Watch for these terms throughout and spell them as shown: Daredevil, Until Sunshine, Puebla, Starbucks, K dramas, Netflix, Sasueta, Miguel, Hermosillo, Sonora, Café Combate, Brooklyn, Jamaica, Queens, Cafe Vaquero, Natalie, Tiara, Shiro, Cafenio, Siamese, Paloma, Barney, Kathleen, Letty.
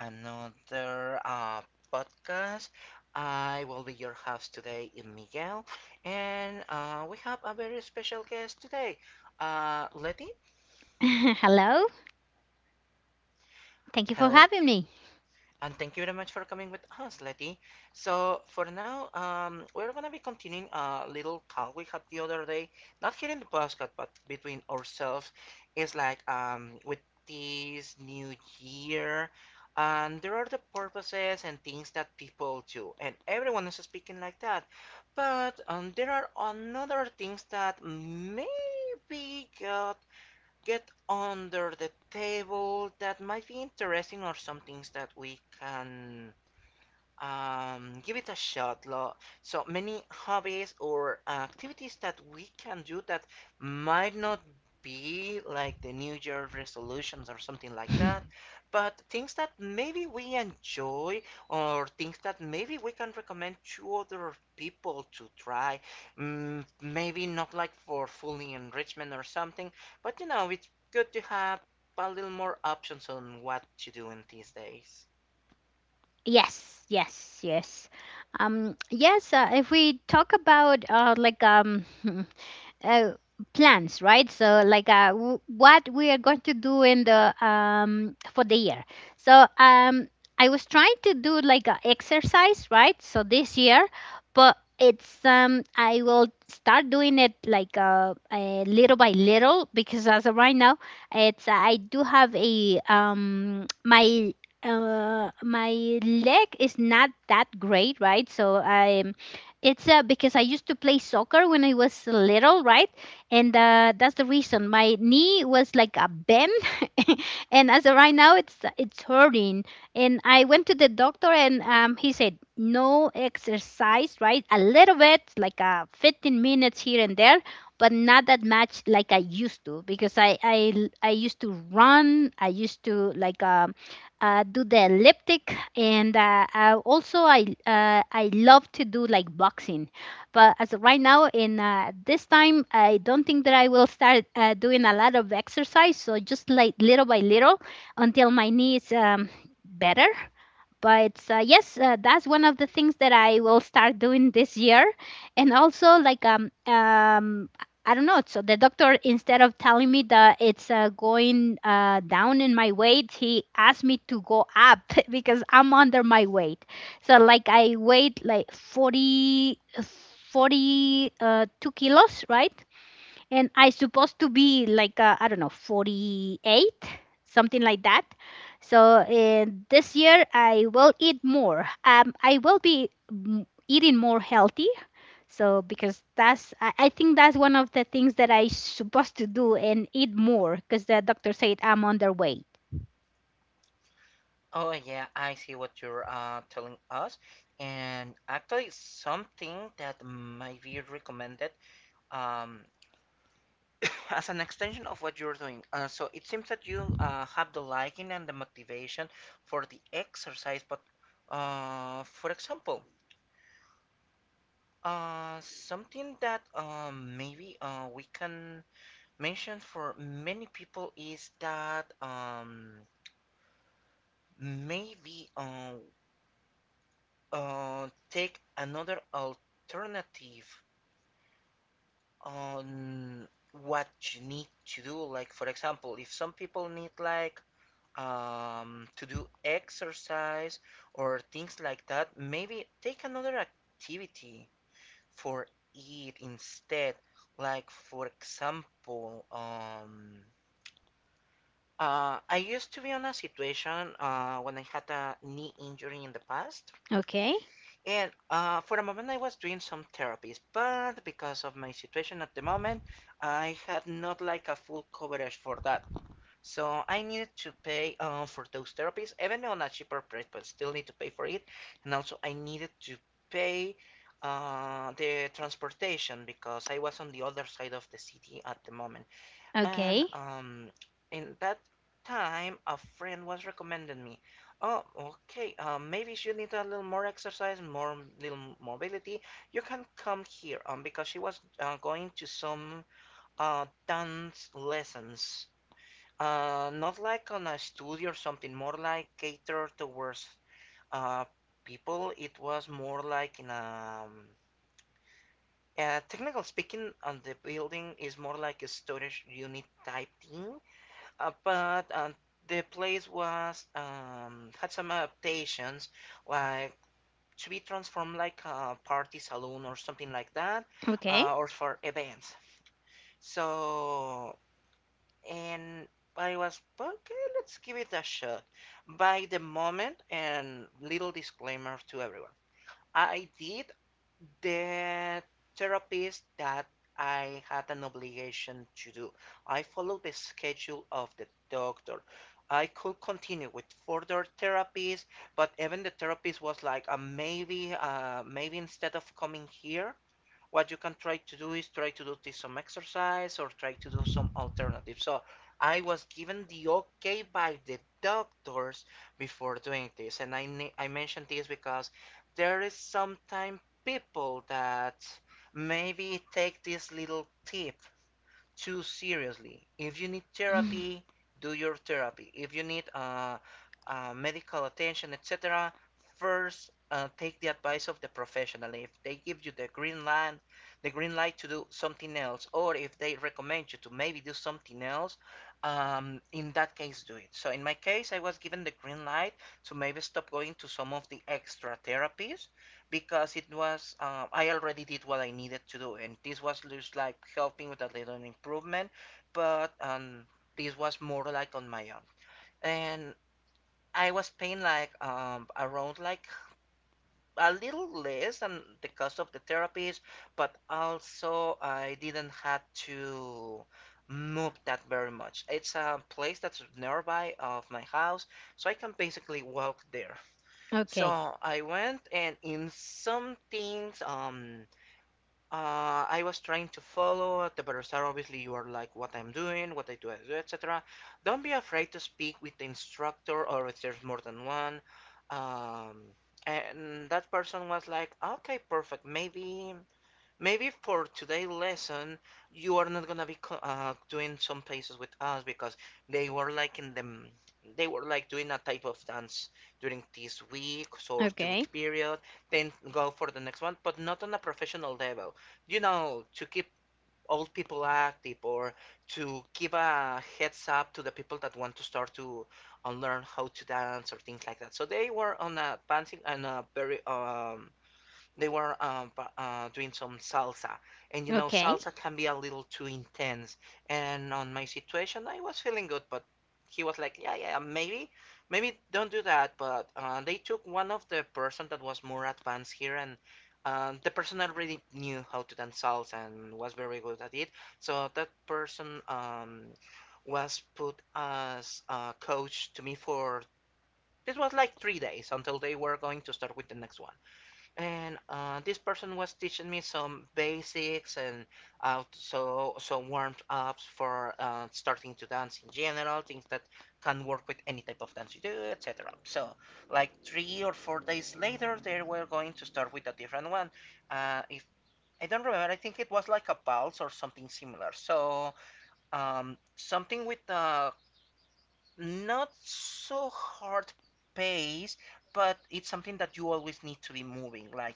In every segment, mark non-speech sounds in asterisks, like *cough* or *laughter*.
another podcast. I will be your host today, Miguel, and we have a very special guest today, Letty. *laughs* Hello. Thank you for Hello, having me. and thank you very much for coming with us, Letty. So for now, we're gonna be continuing a little talk we had the other day, not here in the podcast, but between ourselves. It's like with this new year, and there are the purposes and things that people do, and everyone is speaking like that. But there are another things that maybe got get under the table that might be interesting or some things that we can give it a shot, lo. So many hobbies or activities that we can do that might not be like the New Year resolutions or something like that, but things that maybe we enjoy or things that maybe we can recommend to other people to try. Maybe not like for fully enrichment or something, but it's good to have a little more options on what to do in these days. Yes, yes, yes. Yes. If we talk about like *laughs* uh, plans, right? So like what we are going to do in the for the year. So I was trying to do like a exercise, right? So this year, but it's I will start doing it like little by little because as of right now, it's I do have a my my leg is not that great, right? So I it's because I used to play soccer when I was little, right? And that's the reason my knee was like a bend. *laughs* And as of right now, it's hurting. And I went to the doctor, and he said no exercise, right? A little bit, like 15 minutes here and there, but not that much like I used to, because I used to run, I used to like do the elliptic and also I love to do like boxing, but as of right now in this time I don't think that I will start doing a lot of exercise. So just like little by little until my knee is better, but yes, that's one of the things that I will start doing this year. And also like I don't know. So the doctor, instead of telling me that it's going down in my weight, he asked me to go up *laughs* because I'm under my weight. So like I weighed like forty forty two kilos, right? And I supposed to be like I don't know, 48, something like that. So in this year I will eat more. I will be eating more healthy. So because that's I think that's one of the things that I supposed to do and eat more because the doctor said I'm underweight. Oh yeah, I see what you're telling us, and actually something that might be recommended, um, *coughs* as an extension of what you're doing. So it seems that you have the liking and the motivation for the exercise, but for example, something that maybe we can mention for many people is that maybe take another alternative on what you need to do. Like, for example, if some people need like to do exercise or things like that, maybe take another activity for it instead. Like, for example, I used to be on a situation when I had a knee injury in the past. Okay. And for a moment, I was doing some therapies, but because of my situation at the moment, I had not like a full coverage for that. So I needed to pay for those therapies, even on a cheaper price, but still need to pay for it. And also, I needed to pay the transportation because I was on the other side of the city at the moment. And Okay. um, in that time, a friend was recommending me. Oh, okay. Maybe if you need a little more exercise, more little mobility, you can come here. Because she was going to some dance lessons. Not like on a studio or something. More like catered towards uh people. It was more like in a technical speaking, on the building is more like a storage unit type thing, but the place was had some adaptations, like to be transformed like a party saloon or something like that, Okay. Or for events. So, and I was okay. Let's give it a shot. By the moment, and little disclaimer to everyone, I did the therapist that I had an obligation to do. I followed the schedule of the doctor. I could continue with further therapies, but even the therapist was like, maybe instead of coming here, what you can try to do is try to do this some exercise or try to do some alternative. So I was given the okay by the doctors before doing this, and I mentioned this because there is sometimes people that maybe take this little tip too seriously. If you need *clears throat* therapy, do your therapy. If you need medical attention, etc., first take the advice of the professional. If they give you the green light to do something else, or if they recommend you to maybe do something else, in that case, do it. So in my case, I was given the green light to maybe stop going to some of the extra therapies because it was I already did what I needed to do, and this was just like helping with a little improvement, but this was more like on my own, and I was paying like around like a little less than the cost of the therapies, but also I didn't have to move that very much. It's a place that's nearby of my house, so I can basically walk there. *sighs* Okay. So I went and in some things, I was trying to follow the barasar. Obviously, you are like what I'm doing, what I do, etc. Don't be afraid to speak with the instructor or if there's more than one. Um, and that person was like, okay, perfect. Maybe for today's lesson, you are not gonna be doing some places with us because they were like in them. They were like doing a type of dance during this week or two Okay. week period, then go for the next one, but not on a professional level. You know, to keep old people active or to give a heads up to the people that want to start to learn how to dance or things like that. So they were on a advancing and a very they were doing some salsa, and you know, Okay. salsa can be a little too intense. And on my situation, I was feeling good, but he was like, "Yeah, yeah, maybe, maybe don't do that." But they took one of the person that was more advanced here, and the person already knew how to dance salsa and was very good at it. So that person was put as a coach to me for. It was like 3 days until they were going to start with the next one. And this person was teaching me some basics and so some warm-ups for starting to dance in general, things that can work with any type of dance you do, etc. So, like 3 or 4 days later, they were going to start with a different one. If I don't remember, I think it was like a pulse or something similar. So, something with not so hard pace, but it's something that you always need to be moving, like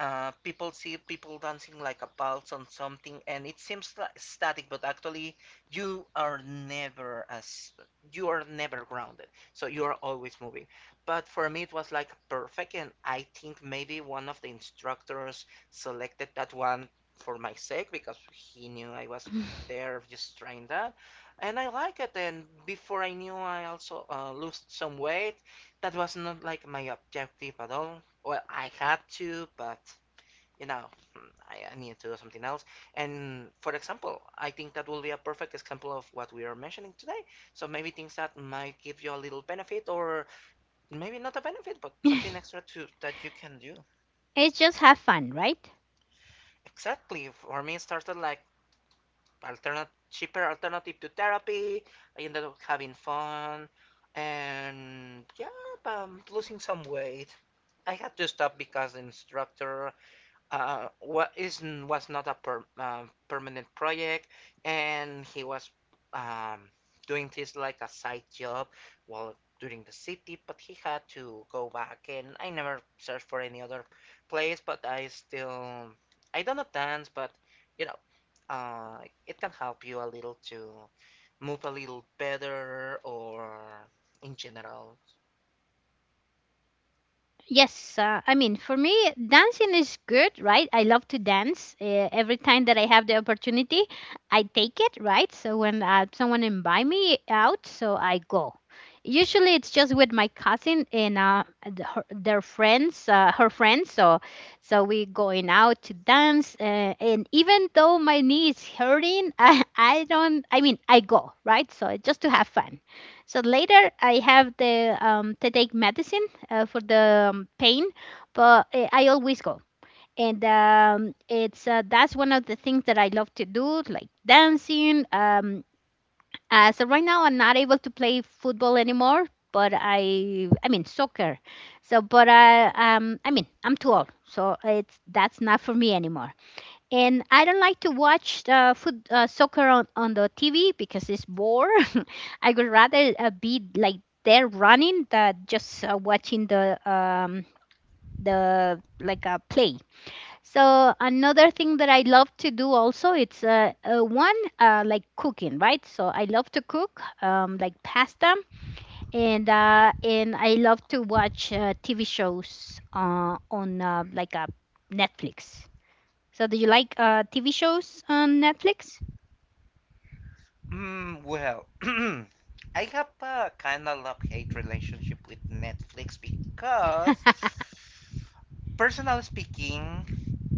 people see people dancing like a pulse on something, and it seems like static, but actually you are never as you are never grounded, so you are always moving. But for me it was like perfect, and I think maybe one of the instructors selected that one for my sake because he knew I was there just trying that. And I like it, and before I knew I also lost some weight that was not like my objective at all. Well, I had to, but you know, I need to do something else. And for example, I think that will be a perfect example of what we are mentioning today. So maybe things that might give you a little benefit, or maybe not a benefit, but something *laughs* extra to that you can do. It's just have fun, right? Exactly. For me, it started like alternate, cheaper alternative to therapy. I ended up having fun, and yeah, losing some weight. I had to stop because the instructor what is was not a permanent project, and he was um, doing this like a side job while during the city. But he had to go back, and I never searched for any other place. But I don't know dance, but you know, uh, it can help you a little to move a little better or in general. Yes, I mean, for me, dancing is good, right? I love to dance. Every time that I have the opportunity, I take it, right? So when someone invite me out, so I go. Usually, it's just with my cousin and the, her, their friends, her friends. So, we going out to dance, and even though my knee is hurting, *laughs* I don't. I mean, I go, right? So just to have fun. So later, I have the to take medicine for the pain, but I always go. And it's that's one of the things that I love to do, like dancing. So right now I'm not able to play football anymore, but I mean soccer. So but I mean I'm too old, so it's that's not for me anymore. And I don't like to watch soccer on the TV because it's bore. *laughs* I would rather be like there running than just watching the like a play. So another thing that I love to do also, it's one like cooking, right? So I love to cook like pasta. And I love to watch TV shows on like a Netflix. So do you like TV shows on Netflix? Well, *clears throat* I have a kind of love hate relationship with Netflix because, personally speaking,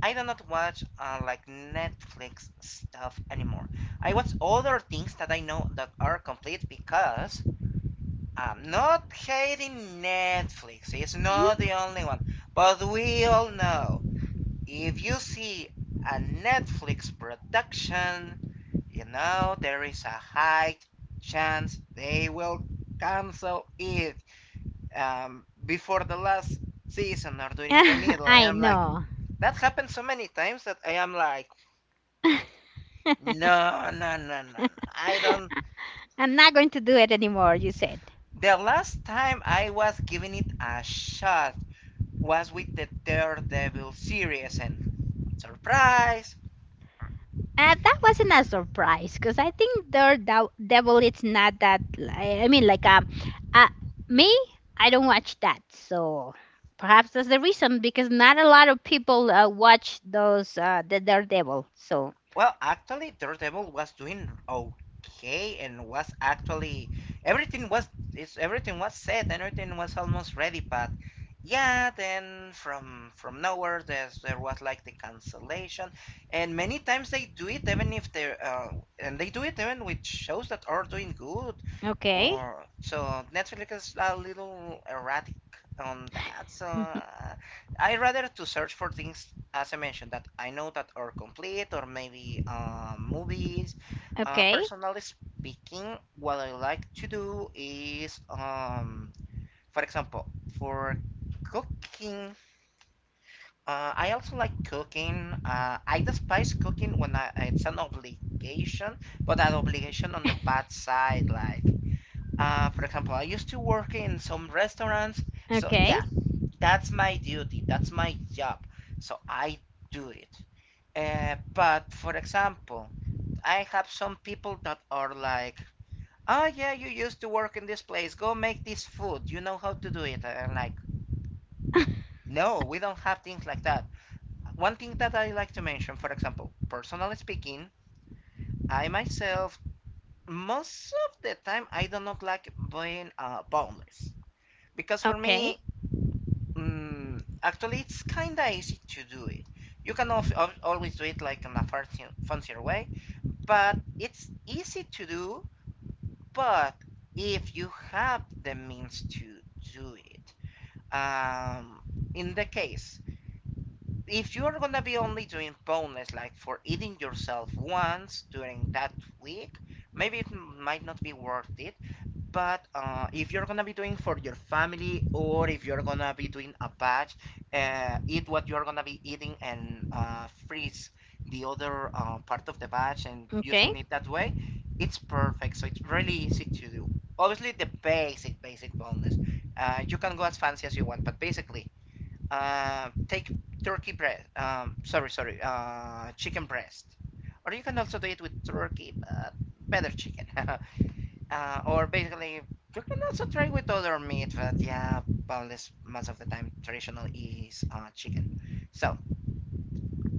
I do not watch like Netflix stuff anymore. I watch other things that I know that are complete because I'm not hating Netflix. It's not the *laughs* only one, but we all know if you see a Netflix production you know there is a high chance they will cancel it before the last season or during the middle. I I am like, know. that happened so many times that I am like, *laughs* no, no, no, no, no. I don't. I'm not going to do it anymore, you said. The last time I was giving it a shot was with the Daredevil series, and surprise, That wasn't a surprise because I think *The devil it's not that. I mean, like uh, me, I don't watch that, so perhaps that's the reason because not a lot of people watch those the Daredevil. So, Well, actually, Daredevil was doing okay and was actually everything was everything was set and everything was almost ready, but yeah, then from nowhere there was like the cancellation, and many times they do it even if they and they do it even with shows that are doing good, okay, or so Netflix is a little erratic on that. So *laughs* uh, I rather to search for things as I mentioned, that I know that are complete or maybe movies. Uh, okay, personally speaking, what I like to do is, for example, for cooking, I also like cooking. I despise cooking when it's an obligation, but that obligation on the bad side. Like, for example, I used to work in some restaurants, so okay, yeah, that's my duty, that's my job, so I do it. But for example, I have some people that are like, "Oh yeah, you used to work in this place. Go make this food. You know how to do it." And I'm like, "No, we don't have things like that." One thing that I like to mention, for example, personally speaking, I myself most of the time I do not like being boundless, because for okay, me, actually, it's kinda easy to do it. You can always do it like in a fancier way, but it's easy to do. But if you have the means to do it, um, in the case, if you're gonna be only doing bonus, like for eating yourself once during that week, maybe it might not be worth it. But if you're gonna be doing for your family, or if you're gonna be doing a batch, eat what you're gonna be eating and freeze the other part of the batch and okay, using it that way, it's perfect. So it's really easy to do. Obviously, the basic, basic boneless. You can go as fancy as you want, but basically, take turkey breast. Sorry, chicken breast. Or you can also do it with turkey, but better chicken. *laughs* Or basically, you can also try with other meat, but yeah, boneless most of the time traditional is chicken. So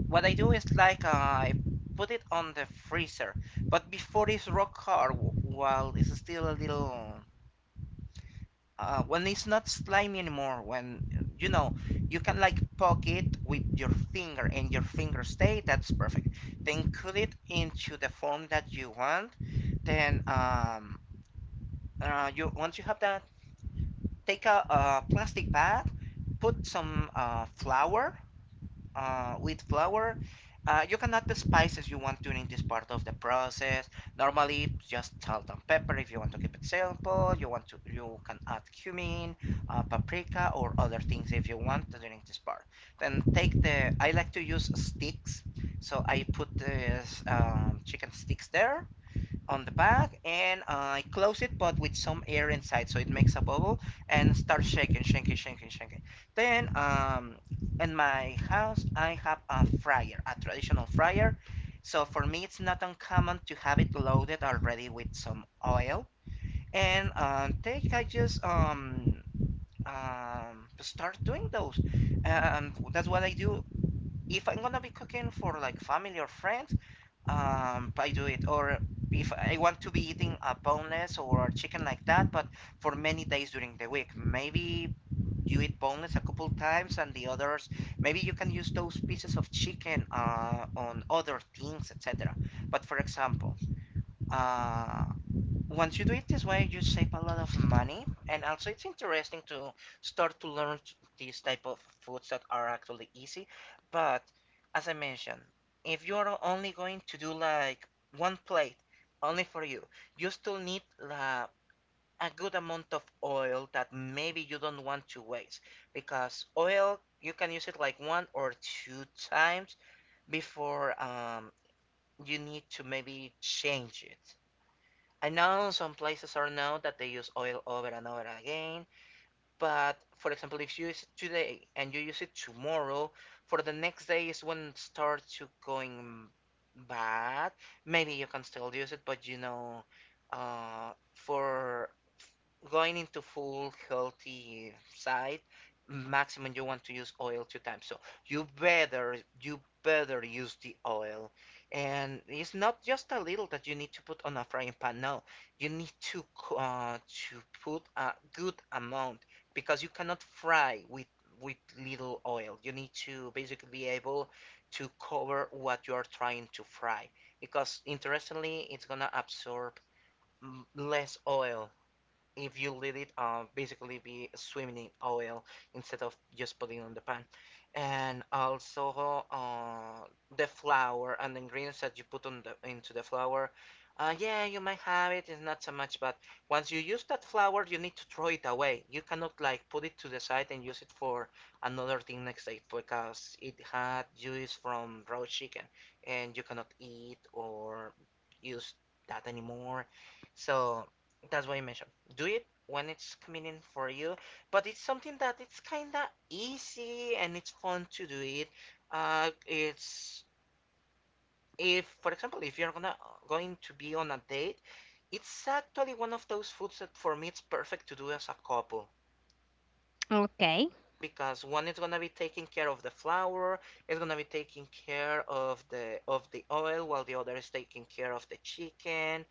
what I do is like I put it on the freezer, but before it's rock hard, while it's still a little, when it's not slimy anymore, when you know you can like poke it with your finger and your finger stay, that's perfect. Then cut it into the form that you want. Then you once you have that take a, plastic bag, put some flour, wheat flour. You can add the spices you want during this part of the process. Normally, just salt and pepper if you want to keep it simple. You want to You can add cumin, paprika, or other things if you want during this part. Then take the I like to use sticks, so I put the chicken sticks there on the back and I close it but with some air inside so it makes a bubble and start shaking, shaking, shaking, shaking. Then in my house I have a fryer, a traditional fryer. So for me it's not uncommon to have it loaded already with some oil and take I just start doing those. That's what I do. If I'm gonna be cooking for like family or friends, I do it, or if I want to be eating a boneless or a chicken like that but for many days during the week, maybe you eat boneless a couple times and the others maybe you can use those pieces of chicken on other things, etc. But for example, uh, once you do it this way, you save a lot of money, and also it's interesting to start to learn these type of foods that are actually easy. But as I mentioned, if you are only going to do like one plate only for you, you still need la a good amount of oil that maybe you don't want to waste, because oil you can use it like one or two times before you need to maybe change it. I know some places are known that they use oil over and over again, but for example, if you use it today and you use it tomorrow, for the next day is when it starts to going bad. Maybe you can still use it, but you know, for going into full healthy side, maximum you want to use oil two times. So you better use the oil. And it's not just a little that you need to put on a frying pan. No, you need to uh, to put a good amount, because you cannot fry with with little oil. You need to basically be able to cover what you are trying to fry, because interestingly it's gonna absorb less oil if you let it basically be swimming in oil instead of just putting on the pan. And also the flour and the ingredients that you put on into the flour. Yeah, you might have it. It's not so much, but once you use that flour, you need to throw it away. You cannot like put it to the side and use it for another thing next day, because it had juice from raw chicken, and you cannot eat or use that anymore. So that's why I mentioned, do it when it's convenient for you. But it's something that it's kinda easy and it's fun to do it. It's if, for example, if you're gonna going to be on a date, it's actually one of those foods that for me it's perfect to do as a couple. okay. Because one is gonna be taking care of the flour, it's gonna be taking care of the oil, while the other is taking care of the chicken.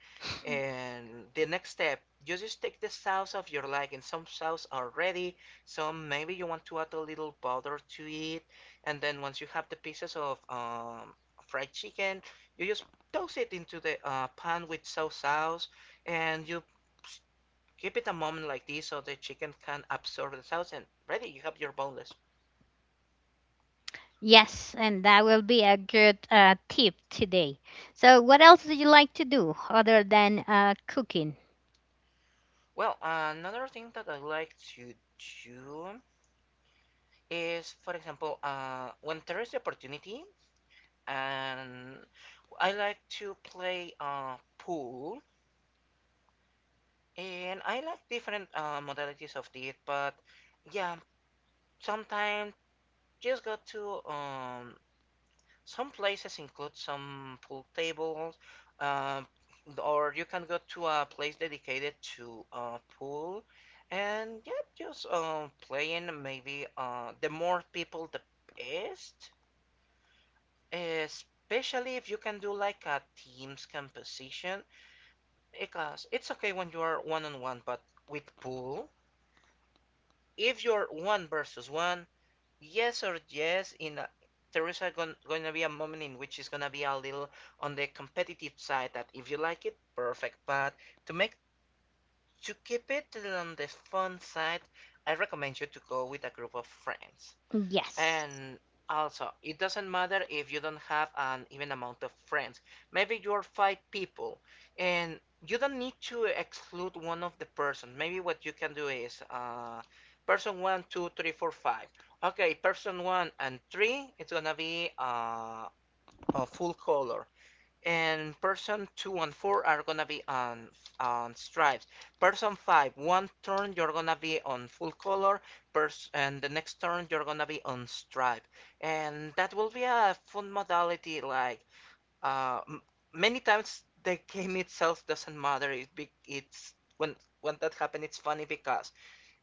And the next step, you just take the sauce of your liking. Some sauce are ready, some maybe you want to add a little butter to it, and then once you have the pieces of fried chicken, you just toss it into the pan with sauce, and you keep it a moment like this so the chicken can absorb the sauce and ready, you have your boneless. Yes, and that will be a good tip today. So, what else do you like to do other than cooking? Well, another thing that I like to do is, for example, when there is the opportunity, and I like to play pool, and I like different modalities of it, but yeah, sometimes just got to some places include some pool tables, um, or you can go to a place dedicated to a pool, and yeah, just playing. Maybe the more people, the best. Especially if you can do like a team's composition, because it's okay when you are one on one, but with pool, if you're one versus one, yes or yes in a, there is going to be a moment in which it's going to be a little on the competitive side that if you like it perfect, but to make to keep it on the fun side, I recommend you to go with a group of friends. Yes. And also, it doesn't matter if you don't have an even amount of friends. Maybe you're five people, and you don't need to exclude one of the person. Maybe what you can do is, person one, two, three, four, five. Okay, person one and three, it's gonna be a full color. And person two and four are gonna be on stripes. Person five, one turn you're gonna be on full color. Pers And the next turn you're gonna be on stripe. And that will be a fun modality. Like uh, many times the *laughs* game itself doesn't matter. It's when that happens, it's funny because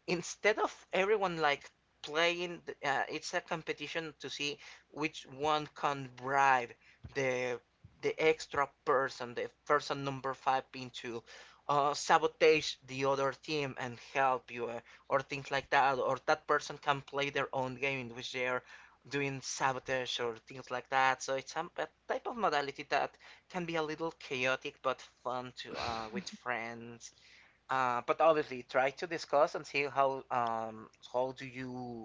instead of everyone like playing it's a competition to see which one can bribe the the extra person, the person number five, into sabotage the other team and help you, or things like that, or that person can play their own game in which they're doing sabotage or things like that. So it's some a type of modality that can be a little chaotic but fun to with friends. But obviously, try to discuss and see how do you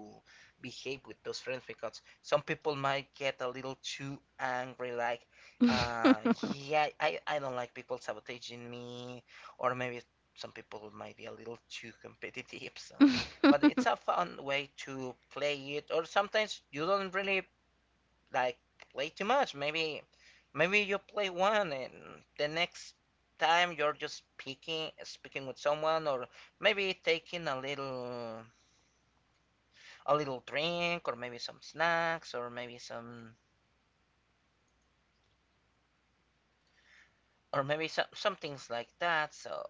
behave with those friends, because some people might get a little too angry, like, uh, *laughs* yeah, I don't like people sabotaging me, or maybe some people might be a little too competitive. *laughs* So, but it's a *laughs* fun way to play it, or sometimes you don't really like play too much. Maybe you play one and the next time you're just speaking with someone, or maybe taking a little drink, or maybe some snacks, or maybe some some things like that. So,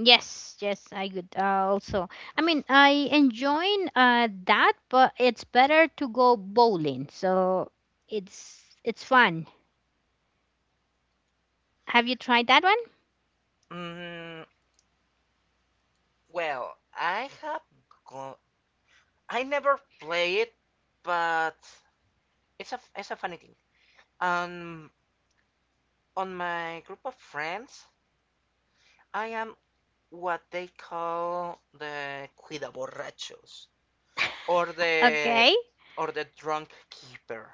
Yes, yes, I could also. I mean, I enjoying that, but it's better to go bowling. So it's fun. Have you tried that one? mm, well, I have go- I never play it, but it's a funny thing. Um, on my group of friends, I am what they call the cuida borrachos, or the Okay, drunk keeper.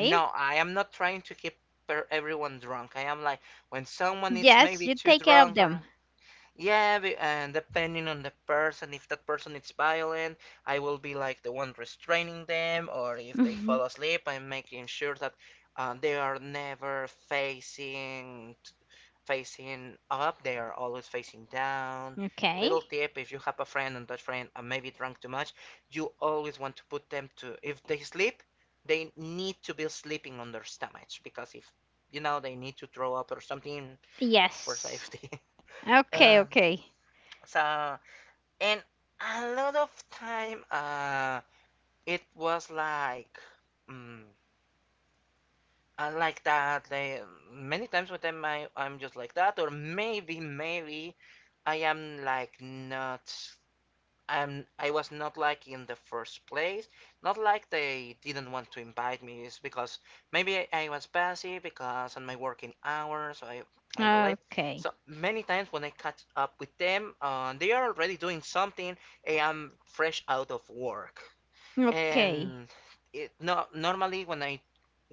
And no, I am not trying to keep everyone drunk. I am like when someone is Yes, maybe you too take care of drunk them. or *laughs* yeah, and depending on the person, if that person is violent, I will be like the one restraining them, or if they Mhm. fall asleep, I'm making sure that they are never facing up, they are always facing down. Okay. Little tip if you have a friend and that friend maybe drank too much, you always want to put them to, if they sleep, they need to be sleeping on their stomachs because if you know they need to throw up or something for Yes. safety. *laughs* Okay. uh, Okay. so, and a lot of time, it was like, mm, I like that. They many times with them, I'm just like that, or maybe, maybe I am like not I was not like in the first place. Not like they didn't want to invite me. It's because maybe I was busy because on my working hours I kind of late. Okay. So many times when I catch up with them, they are already doing something. I am fresh out of work, Okay. and it no normally when I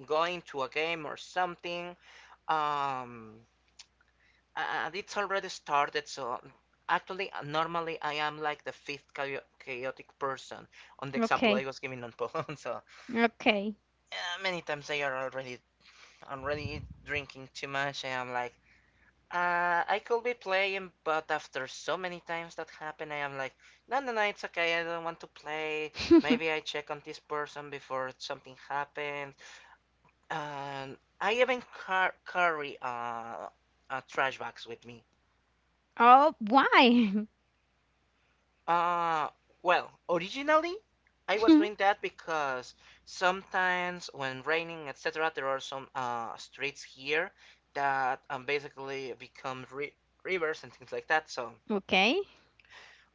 go into a game or something, um, it's already started, so actually, normally I am like the fifth chaotic person on the example I Okay. was giving on *laughs* Poland. So Okay. many times I are already already drinking too much. I am like, I could be playing, but after so many times that happened, I am like, no, no, no, it's okay. I don't want to play. Maybe I *laughs* check on this person before something happens. And I even carry trash bags with me. Oh, why? Uh, well, originally I was doing *laughs* that because sometimes when raining, etc., there are some streets here that basically become ri rivers and things like that. So Okay.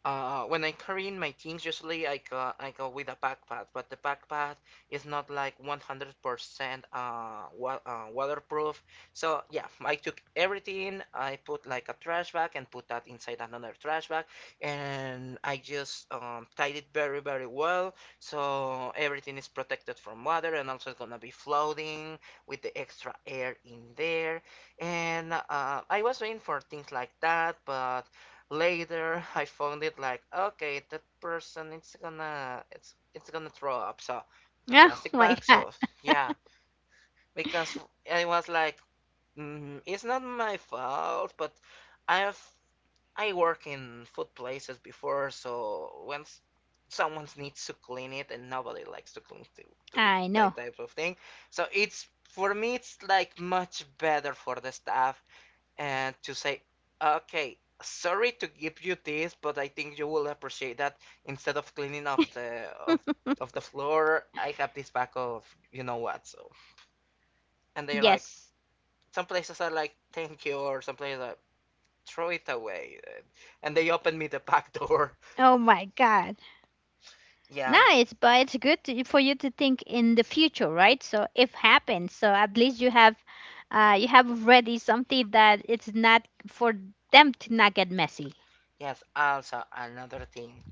when I carrying my things, usually I go with a backpack, but the backpack is not like 100% wa waterproof. So yeah, I took everything. I put like a trash bag and put that inside another trash bag, and I just tied it very very well. So everything is protected from water, and also it's gonna be floating with the extra air in there. And I was waiting for things like that, but later I found it like okay that person it's gonna throw up so Oh plastic my bag God. so yeah because I was like it's not my fault but I have I work in food places before so when someone needs to clean it and nobody likes to I know. that *laughs* type of thing so it's for me it's like much better for the staff and to say, okay, sorry to give you this, but I think you will appreciate that instead of cleaning off the of the floor, I have this pack of you know what. So, and they're like, Yes. some places are like, thank you, or some places are throw it away, and they open me the back door. Oh my God. *laughs* yeah. Nice, but it's good to, for you to think in the future, right? So if happens, so at least you have already something that it's not for them to not get messy. Yes. Also, another thing.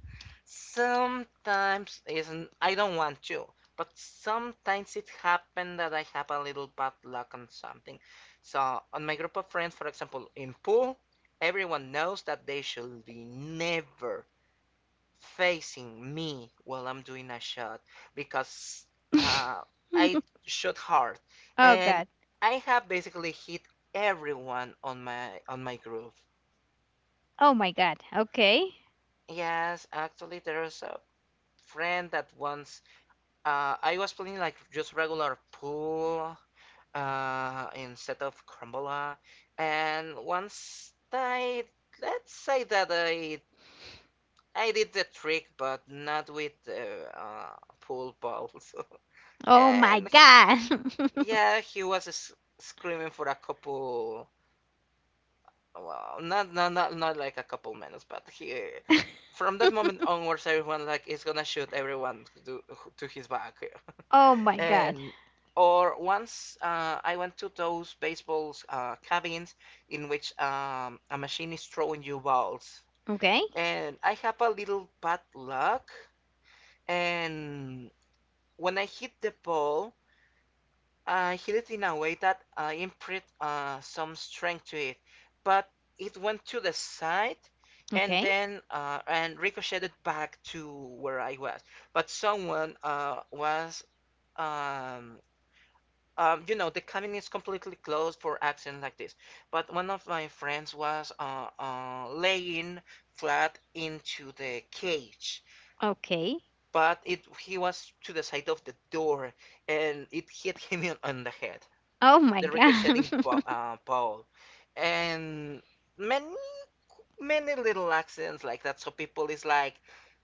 Sometimes isn't I don't want to, but sometimes it happened that I have a little bad luck on something. So on my group of friends, for example, in pool, everyone knows that they should be never facing me while I'm doing a shot because uh, *laughs* I shot hard Oh and God. I have basically hit everyone on my group. Oh my God. Okay. Yes, actually there's a friend that once I was playing like just regular pool instead of Crumbola, and once I let's say that I did the trick, but not with pool balls. *laughs* Oh my and God. *laughs* yeah, he was screaming for a couple. Well, not like a couple minutes, but he. From that moment onwards, everyone like is gonna shoot to his back. Oh my God. And or once I went to those baseball cabins in which a machine is throwing you balls, Okay. and I have a little bad luck. And when I hit the ball, I hit it in a way that I imprint some strength to it, but it went to the side and Okay. then and ricocheted back to where I was. But someone was um, you know, the cabin is completely closed for accidents like this. But one of my friends was laying flat into the cage, Okay. but it he was to the side of the door, and it hit him on the head, Oh my the God. ricocheting *laughs* ball, and many many little accidents like that. So people is like,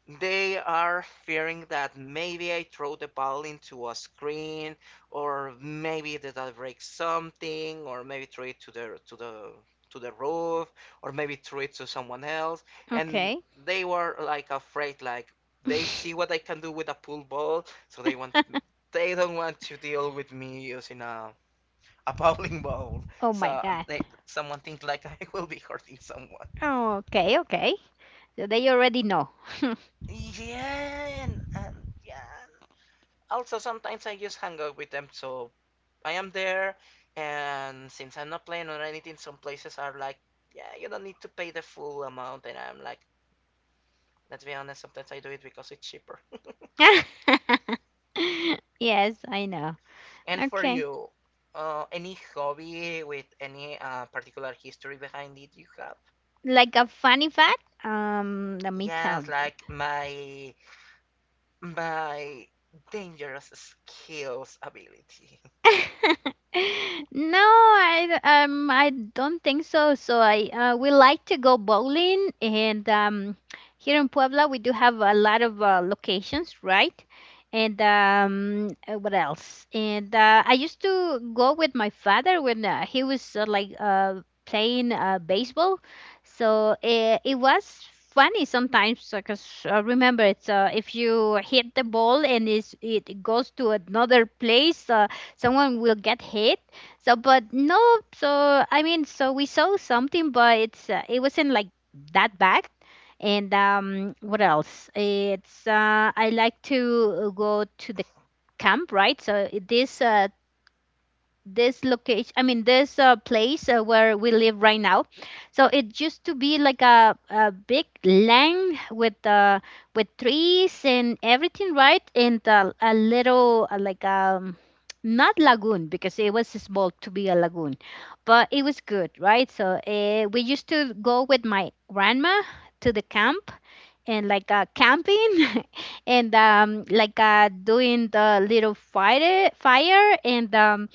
they are fearing that maybe I throw the ball into a screen, or maybe that I break something, or maybe throw it to the to the to the roof, or maybe throw it to someone else. And Okay. they were like afraid, like they see what I *laughs* can do with a pool ball, so they don't want to deal with me using a *laughs* bowling ball. Oh my So God. they someone thinks like *laughs* I will be hurting someone. Okay. Okay. So they already know. *laughs* Yeah, and yeah. Also, sometimes I just hang out with them, so I am there. And since I'm not playing or anything, some places are like, yeah, you don't need to pay the full amount. And I'm like, let's be honest, sometimes I do it because it's cheaper. *laughs* Yes, I know. *laughs* and for Okay. you, any hobby with any particular history behind it you have? Like a funny fact, let me tell Yes, you. like my dangerous skills ability. *laughs* No, I don't think so. So I we like to go bowling, and here in Puebla we do have a lot of locations, right? And what else? And I used to go with my father when he was like playing baseball. So it was funny sometimes because, remember, it's if you hit the ball and it goes to another place. Someone will get hit, so but no, so I mean, so we saw something, but it wasn't like that bad. And what else. It's I like to go to the camp, right? So this this location I mean this place where we live right now. So it used to be like a big land with with trees and everything, right? And a little like not lagoon because it was small to be a lagoon, but it was good, right? So we used to go with my grandma to the camp, and like camping. *laughs* And like doing the little fire. And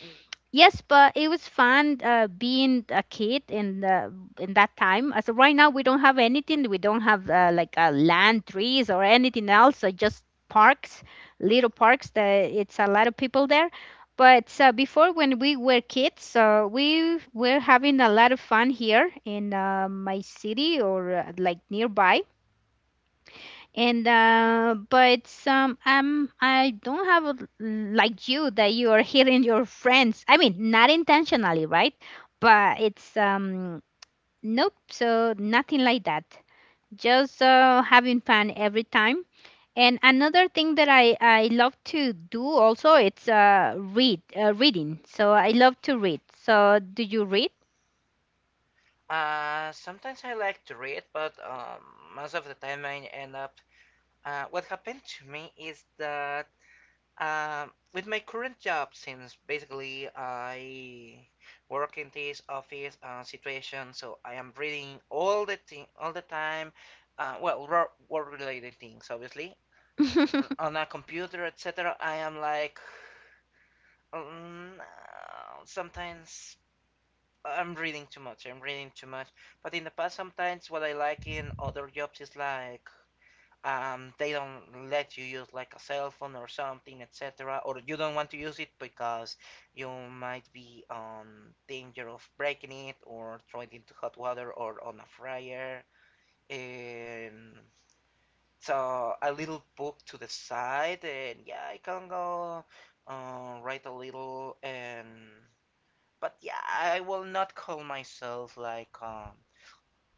yes, but it was fun being a kid in in that time. As of right now, we don't have anything. We don't have like land, trees, or anything else. Just parks, little parks. That it's a lot of people there. But before, when we were kids, we were having a lot of fun here in my city or like nearby. And uh, but some um I don't have like you that you are hitting your friends. I mean, not intentionally, right? But it's nope. So nothing like that. Just having fun every time. And another thing that I love to do also, it's reading. So I love to read. So do you read? Sometimes I like to read, but most of the time I end up. What happened to me is that with my current job, since basically I work in this office situation, so I am reading all the time. Well, work related things, obviously, *laughs* on a computer, etc. I am like sometimes I'm reading too much. I'm reading too much. But in the past, sometimes what I like in other jobs is like they don't let you use like a cell phone or something, etc. Or you don't want to use it because you might be on danger of breaking it or throwing it into hot water or on a fryer. And so a little book to the side, and yeah, I can go write a little and but yeah, I will not call myself um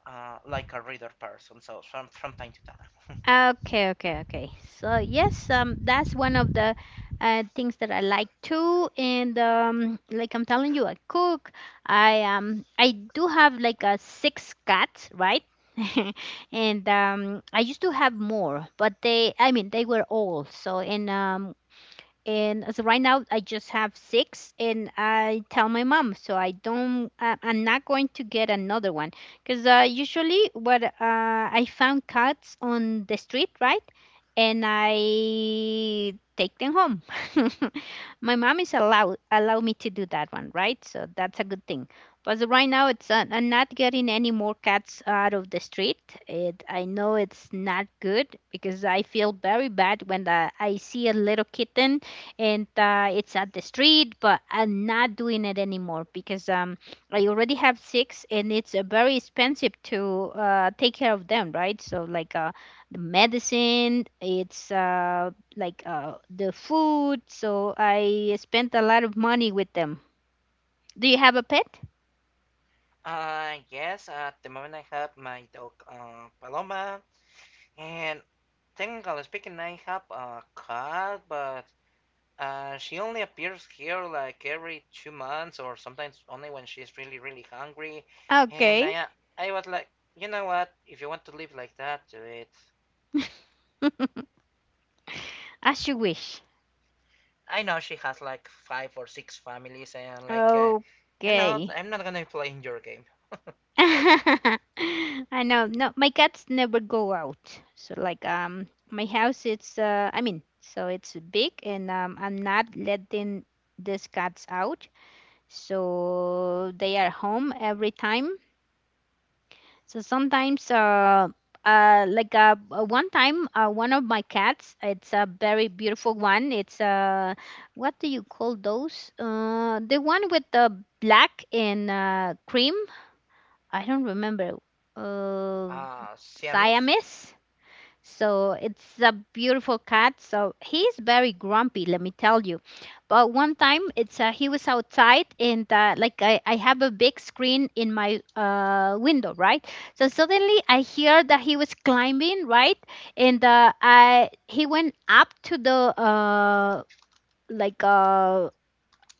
uh, like a reader person. So from time to time. Okay, okay, okay. So yes, that's one of the things that I like too. And like I'm telling you, I cook. I do have like a six cats, right? *laughs* And I used to have more, but they, I mean, they were old. So and as of right now I just have six, and I tell my mom, so I don't, I'm not going to get another one because usually what I found cats on the street, right. And I take them home. *laughs* My mom is allow me to do that one, right? So that's a good thing. But as of right now, it's I'm not getting any more cats out of the street. I know it's not good because I feel very bad when, I see a little kitten and it's at the street, but I'm not doing it anymore because I already have six, and it's very expensive to take care of them, right? So like the medicine, it's like the food, so I spent a lot of money with them. Do you have a pet? Yes, at the moment I have my dog Paloma, and technically speaking, I have a cat, but she only appears here like every 2 months, or sometimes only when she's really really hungry. And Okay. I was like, you know what? If you want to live like that, do it. *laughs* As you wish. I know she has like five or six families, and like, you know, Okay. I'm not gonna play in your game. *laughs* I know. No, my cats never go out. So like my house, it's I mean, so it's big, and I'm not letting these cats out. So they are home every time. So sometimes like one of my cats, it's a very beautiful one. It's what do you call those? The one with the black and cream. I don't remember. Uh, Siamese? Siamese. So it's a beautiful cat. So he's very grumpy, let me tell you. But one time, it's he was outside, and like I have a big screen in my window, right? So suddenly I hear that he was climbing, right? And I he went up to the uh, like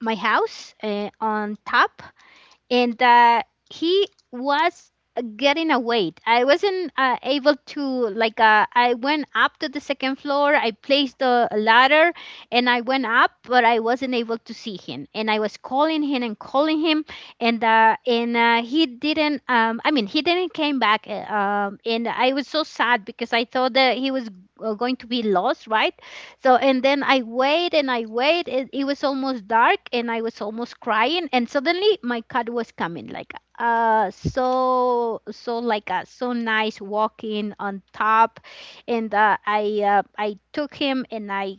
my house on top, and he was getting away. I wasn't able to, like. I went up to the second floor. I placed the ladder, and I went up, but I wasn't able to see him. And I was calling him and calling him, and he didn't. I mean, he didn't came back. And I was so sad because I thought that he was going to be lost, right? So, and then I wait and I wait. It was almost dark and I was almost crying. And suddenly my cat was coming like, so nice walking on top. And I took him and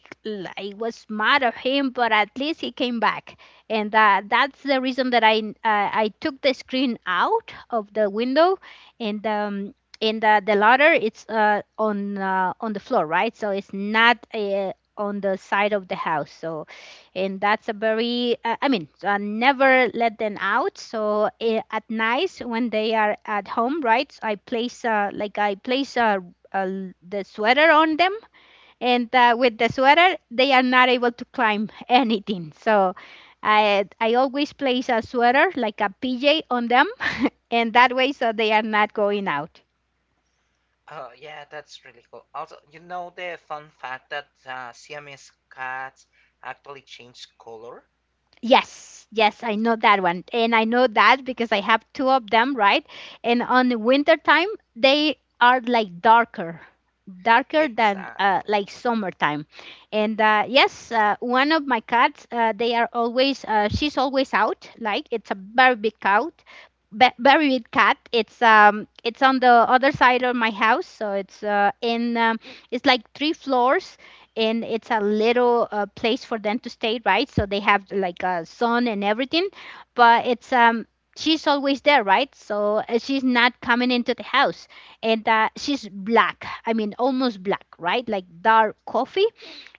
I was mad at him, but at least he came back. And that's the reason that I took the screen out of the window and um, and the ladder it's on the floor, right? So it's not on the side of the house. So and that's a very I mean, never let them out. So at night when they are at home, right? I place like I place uh, the sweater on them, and with the sweater they are not able to climb *laughs* anything. So I always place a sweater like a pj on them, and that way so they are not going out. Oh, yeah, that's really cool. Also, you know the fun fact that Siamese cats actually change color? Yes, yes, I know that one. And I know that because I have two of them, right? And on the winter time, they are like darker, darker than Exactly. like summertime. And yes, one of my cats, she's always out. Like it's a very big cat, very big cat. It's on the other side of my house, so it's in it's like three floors and it's a little place for them to stay, right? So they have like a son and everything, but it's she's always there, right? So she's not coming into the house, and she's black. I mean, almost black, right? Like dark coffee,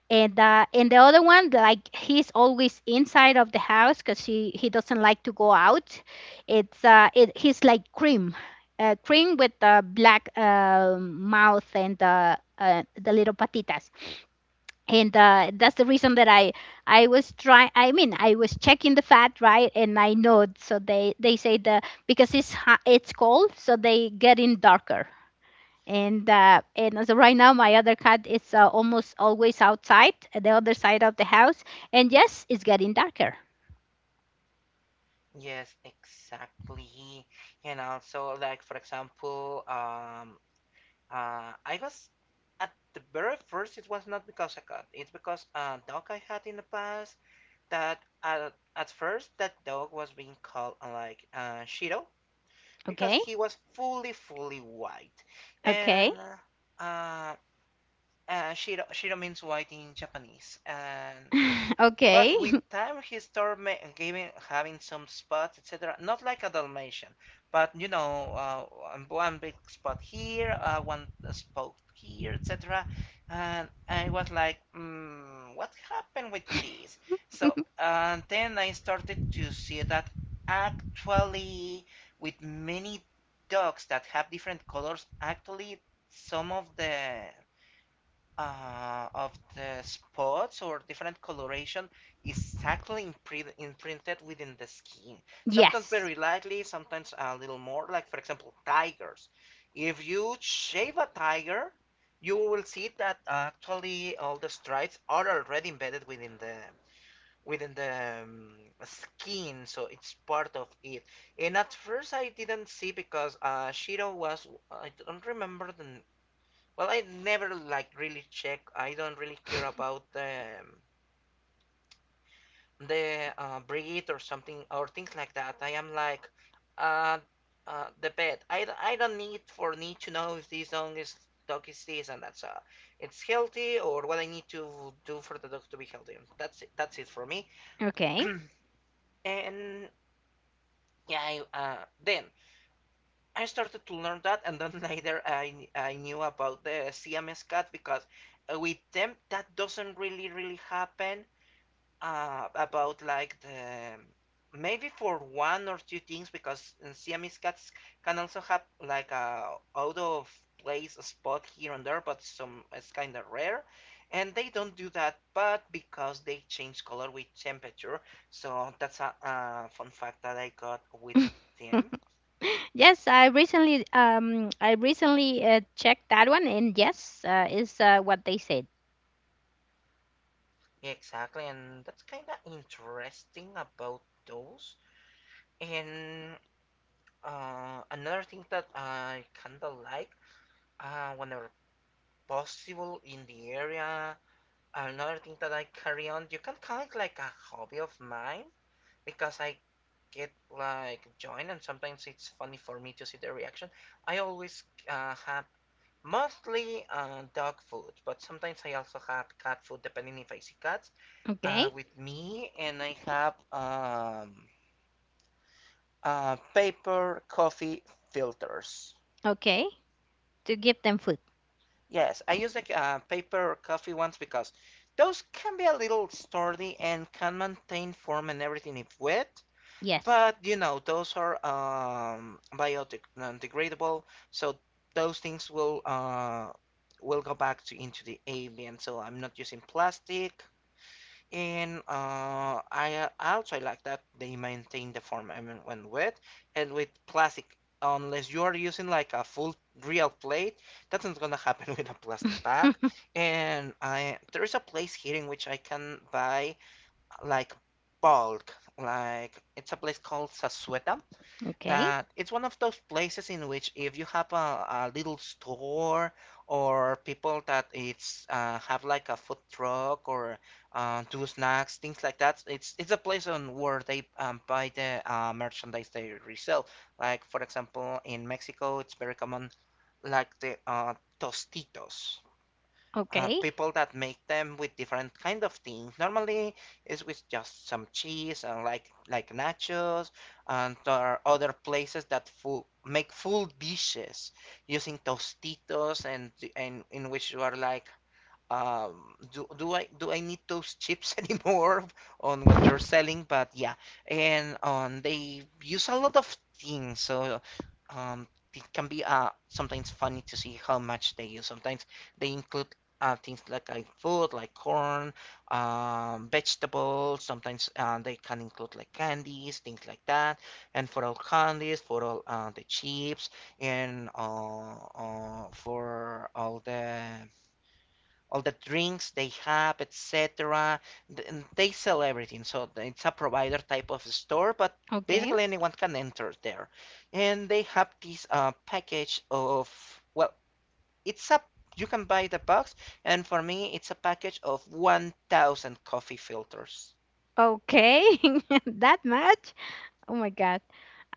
and the other one, like he's always inside of the house because he doesn't like to go out. He's like cream. Cream with the black mouth and the little patitas, and that's the reason that I was trying, I mean, I was checking the fat, right? And I know, so they say the because it's hot, it's cold, so they getting darker. And and as of right now my other cat is almost always outside at the other side of the house, and yes, it's getting darker. Yes, exactly. And also, like, for example, I was at the very first, it was not because I got, it's because a dog I had in the past that at first that dog was being called Shido because Okay. he was fully, fully white. Okay. And uh, Shido, Shido means white in Japanese. And *laughs* but Okay. with time, he started giving, having some spots, etc. Not like a Dalmatian, but you know, one big spot here, one spot here, etc. And I was like, what happened with this? So and then I started to see that actually, with many dogs that have different colors, actually some of the spots or different coloration is subtly imprinted within the skin. *laughs* Sometimes Yes. very lightly, sometimes a little more. Like for example, tigers. If you shave a tiger, you will see that actually all the stripes are already embedded within the within the um, skin, so it's part of it. And at first I didn't see because Shiro was I don't remember the well, I never like really check. I don't really care about the breed or something or things like that. I am like uh, the pet. I don't need for need to know if this dog is this and that's it's healthy or what I need to do for the dog to be healthy. That's it. That's it for me. Okay. *clears throat* And yeah, then I started to learn that, and then later *laughs* I knew about the CMS cut because with them that doesn't really really happen about like the maybe for one or two things because CMS cats can also have like a out of place spot here and there, but some it's kind of rare. And they don't do that, but because they change color with temperature, so that's a fun fact that I got with them. *laughs* Yes, I recently checked that one, and yes, is what they said. Yeah, exactly, and that's kind of interesting about those. And another thing that I kind of like, whenever possible in the area, another thing that I carry on, you can call it like a hobby of mine because I get like joined, and sometimes it's funny for me to see the reaction. I always have mostly dog food, but sometimes I also have cat food depending if I see cats Okay. With me, and I have paper coffee filters. Okay. To give them food. Yes, I use like paper coffee ones because those can be a little sturdy and can maintain form and everything if wet. Yes. But those are biodegradable, so those things will go back to into the ambient. So I'm not using plastic. And I also like that they maintain the form even when wet and with plastic. Unless you are using like a full real plate, that's not gonna happen *laughs* with a plastic bag. *laughs* And I there is a place here in which I can buy like bulk. Like it's a place called Sasueta Okay. that it's one of those places in which if you have a little store or people that it's have like a food truck or do snacks, things like that, it's a place on where they buy the merchandise they resell. Like for example, in Mexico, it's very common, like the Tostitos Okay. people that make them with different kind of things. Normally, it's with just some cheese and like nachos, and there are other places that make full dishes using tostitos and in which you are like, um, do I need those chips *laughs* anymore on what you're selling? But yeah, and they use a lot of things, so um, it can be sometimes funny to see how much they use. Sometimes they include things like food, like corn, vegetables. Sometimes they can include like candies, things like that. And for all candies, for all the chips, and for all the drinks they have, etc. Th- They sell everything, so it's a provider type of store, but Okay. basically anyone can enter there. And they have this package of, well, it's a you can buy the box, and for me, it's a package of 1,000 coffee filters. Okay. *laughs* That much? Oh my god.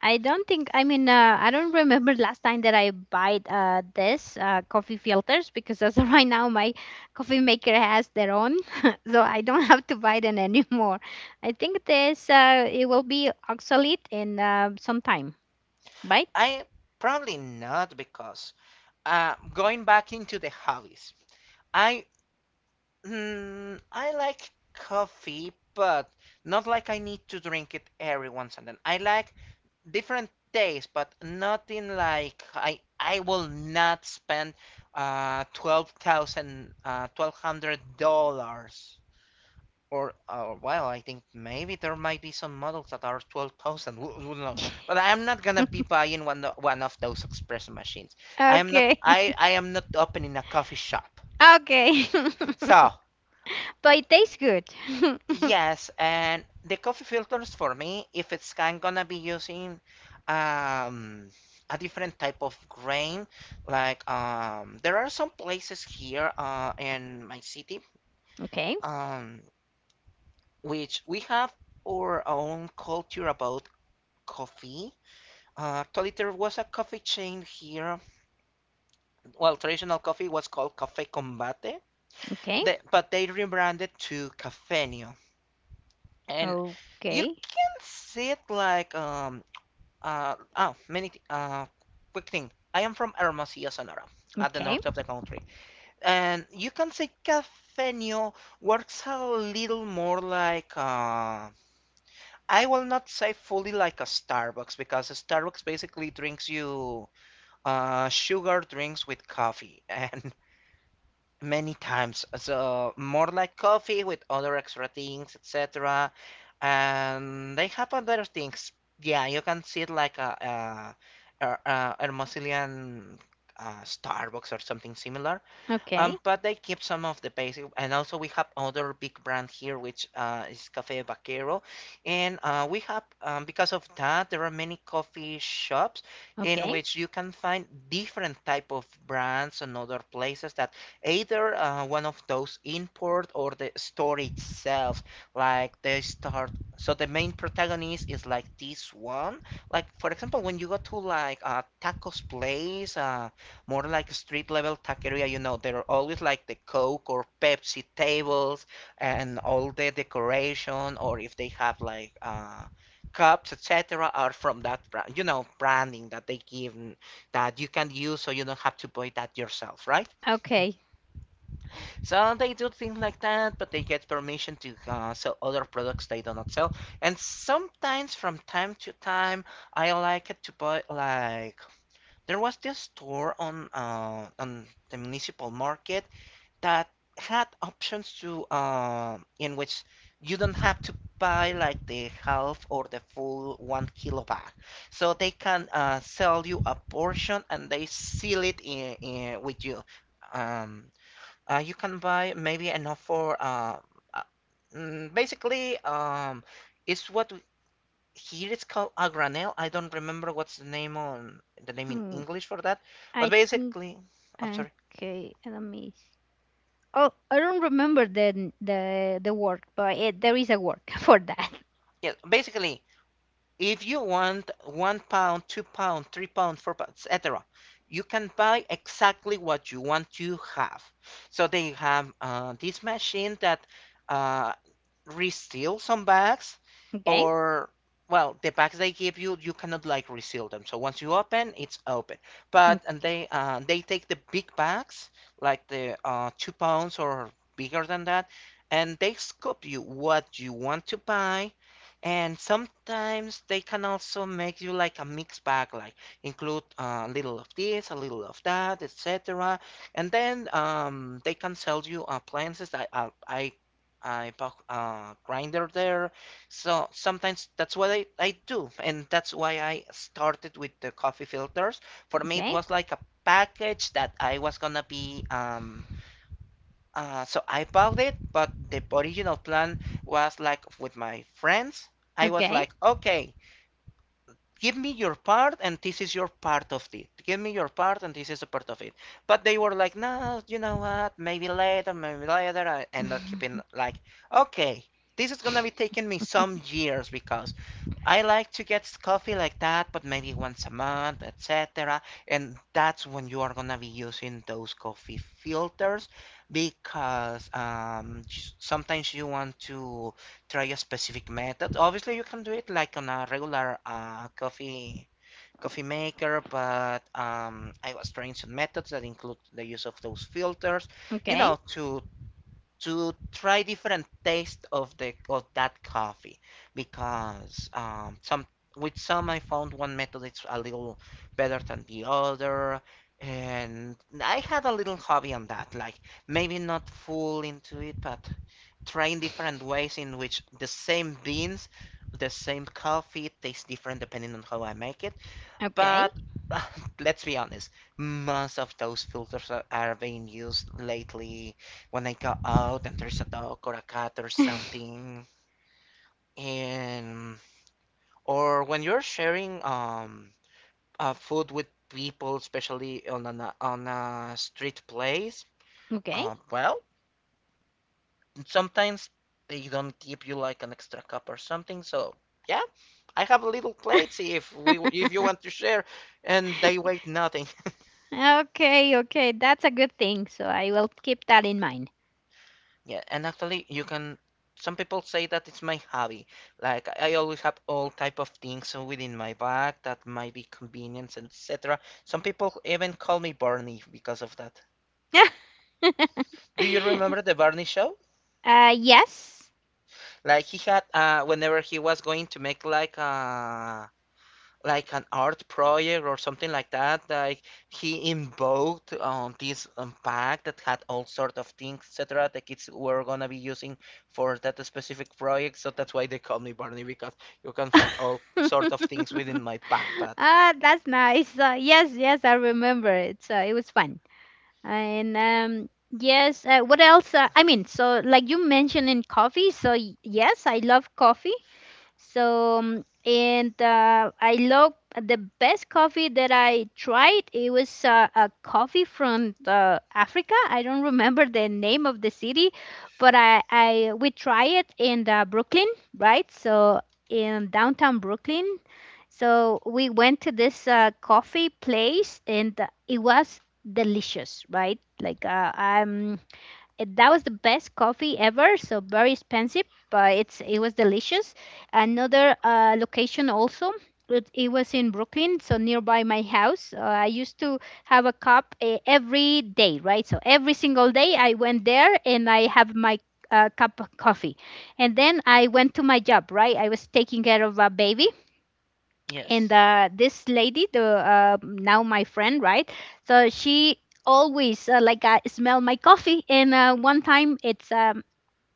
I don't think. I mean, I don't remember last time that I bought this coffee filters, because as of *laughs* right now, my coffee maker has their own, *laughs* so I don't have to buy them *laughs* anymore. I think this it will be obsolete in some time, right? I probably not because going back into the hobbies, I I like coffee, but not like I need to drink it every once and then. I like different tastes, but nothing like I will not spend 12,000, $1,200. Or, well, I think maybe there might be some models that are 12,000, who knows? But I'm not gonna be buying one of those espresso machines. I am not, Okay. I, I am not opening a coffee shop. *laughs* Okay. So, *laughs* But it tastes good. yes, and the coffee filters for me, if it's kind gonna be using um a different type of grain, like there are some places here in my city, *laughs* Okay, um which we have our own culture about coffee. Actually, there was a coffee chain here. Well, traditional coffee was called Café Combate, okay, but they rebranded to Cafenio. And you okay, can see it like, many. Quick thing. I am from Hermosillo, Sonora, at the okay, north of the country, and you can say Cafeño works a little more like. I will not say fully like a Starbucks because a Starbucks basically drinks you sugar drinks with coffee, *laughs* and many times. So more like coffee with other extra things, etc. And they have other things. Yeah, you can see it like a Hermosillian Starbucks or something similar. okay, But they keep some of the basic, and also we have other big brand here, which is Cafe Vaquero, and we have, because of that there are many coffee shops in okay, which you can find different type of brands and other places that either one of those import or the store itself, like they start. So the main protagonist is like this one. Like for example, when you go to like a tacos place, more like street level taqueria. You know, there are always like the Coke or Pepsi tables and all the decoration, or if they have like cups, etc., are from that brand, branding that they give that you can use so you don't have to buy that yourself, right? okay. So they do things like that, but they get permission to sell other products they do not sell. And sometimes, from time to time, I like it to buy like there was this store on the municipal market that had options to, in which you don't have to buy like the half or the full 1 kilo bag. So they can sell you a portion and they seal it in with you. Um, you can buy maybe enough for, uh, basically, it's what here it's called a granel. I don't remember what's the name in Hmm, English for that, but I think basically, I'm sorry. okay. Let me. Oh, I don't remember the the work, but it, there is a work *laughs* for that. Yeah, basically, if you want 1 pound, 2 pound, 3 pound, 4 pound, etc., you can buy exactly what you want to have. So they have this machine that uh, reseals some bags, Okay. or well, the bags they give you, you cannot like reseal them. So once you open, it's open. Mm, But and they take the big bags, like the 2 pounds or bigger than that, and they scoop you what you want to buy and sometimes they can also make you like a mixed bag, like include a little of this, a little of that, etc. And then they can sell you appliances. I bought a grinder there, so sometimes that's what I do, and that's why I started with the coffee filters. For me, it okay, was like a package that I was gonna be, so I bought it, but the original plan was like with my friends. I was okay. like, okay, give me your part and this is your part of it. Give me your part and this is a part of it. But they were like, no, you know what? Maybe later, maybe later. I end up keeping *laughs* like, okay, this is gonna be taking me some years because I like to get coffee like that, but maybe once a month, etc. And that's when you are gonna be using those coffee filters because sometimes you want to try a specific method. Obviously, you can do it like on a regular coffee maker, but I was trying some methods that include the use of those filters, you Okay, know, to try different taste of that coffee because some with some I found one method it's a little better than the other. And I had a little hobby on that, like maybe not full into it, but trying different ways in which the same beans, the same coffee tastes different depending on how I make it. okay. But *sighs* uh, let's be honest, most of those filters are being used lately when I go out and there's a dog or a cat or *laughs* something, and or when you're sharing food with people, especially on a street place. Okay. Well, sometimes they don't give you like an extra cup or something. So yeah, I have a little plates *laughs* if you want to share, and they weigh nothing. *laughs* Okay, okay. That's a good thing. So I will keep that in mind. Yeah, and actually you can. Some people say that it's my hobby. Like I always have all type of things within my bag that might be convenience, etc. Some people even call me Barney because of that. *laughs* Do you remember the Barney show? Yes. Like he had whenever he was going to make like an art project or something like that. Like he invoked on this bag that had all sort of things, etc. The kids were gonna be using for that specific project, so that's why they call me Barney because you can find all sort of *laughs* things within my backpack. Ah, that's nice. Yes, yes, I remember it. So it was fun. And yes, what else? I mean, so like you mentioned in coffee, so yes, I love coffee. So, and I love the best coffee that I tried. It was a coffee from Africa. I don't remember the name of the city, but I we try it in Brooklyn, right? So in downtown Brooklyn. So we went to this coffee place, and it was delicious, right? That was the best coffee ever, so very expensive, but it was delicious. Another location also, it was in Brooklyn, so nearby my house I used to have a cup every day, right? So every single day I went there and I have my cup of coffee, and then I went to my job, right? I was taking care of a baby, and Yes, this lady, the now my friend, right? So she always smell my coffee, and one time it's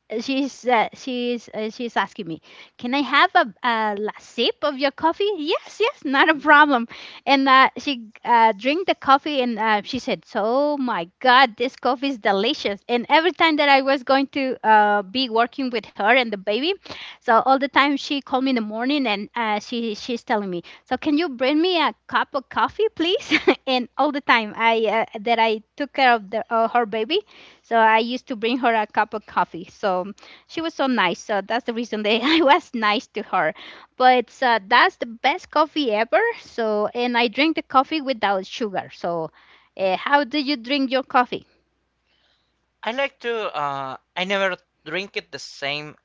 she's asking me, can I have a sip of your coffee? Yes, yes, not a problem. And she drank the coffee, and she said, "So, oh my god, this coffee is delicious." And every time that I was going to be working with her and the baby, so all the time she called me in the morning, and she's telling me, so can you bring me a cup of coffee please? *laughs* And all the time I that I took care of her baby, so I used to bring her a cup of coffee. So she was so nice. So that's the reason that *laughs* I was nice to her. But that's the best coffee ever. So, and I drink the coffee without sugar. So how do you drink your coffee? I like to. I never drink it the same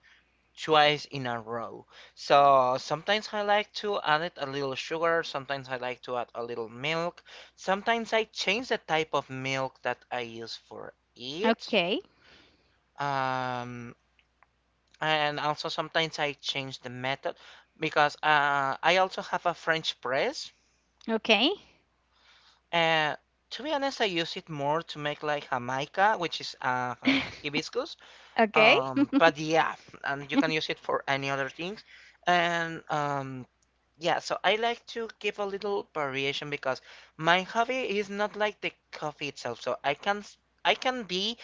twice in a row. So sometimes I like to add it a little sugar, sometimes I like to add a little milk, sometimes I change the type of milk that I use for it. Okay. Um, and also sometimes I change the method because I also have a French press. Okay. And to be honest, I use it more to make like Jamaica, which is *laughs* hibiscus. Okay. But yeah, and you can use it for any other things. And, yeah, so I like to give a little variation because my hobby is not like the coffee itself. So I can be,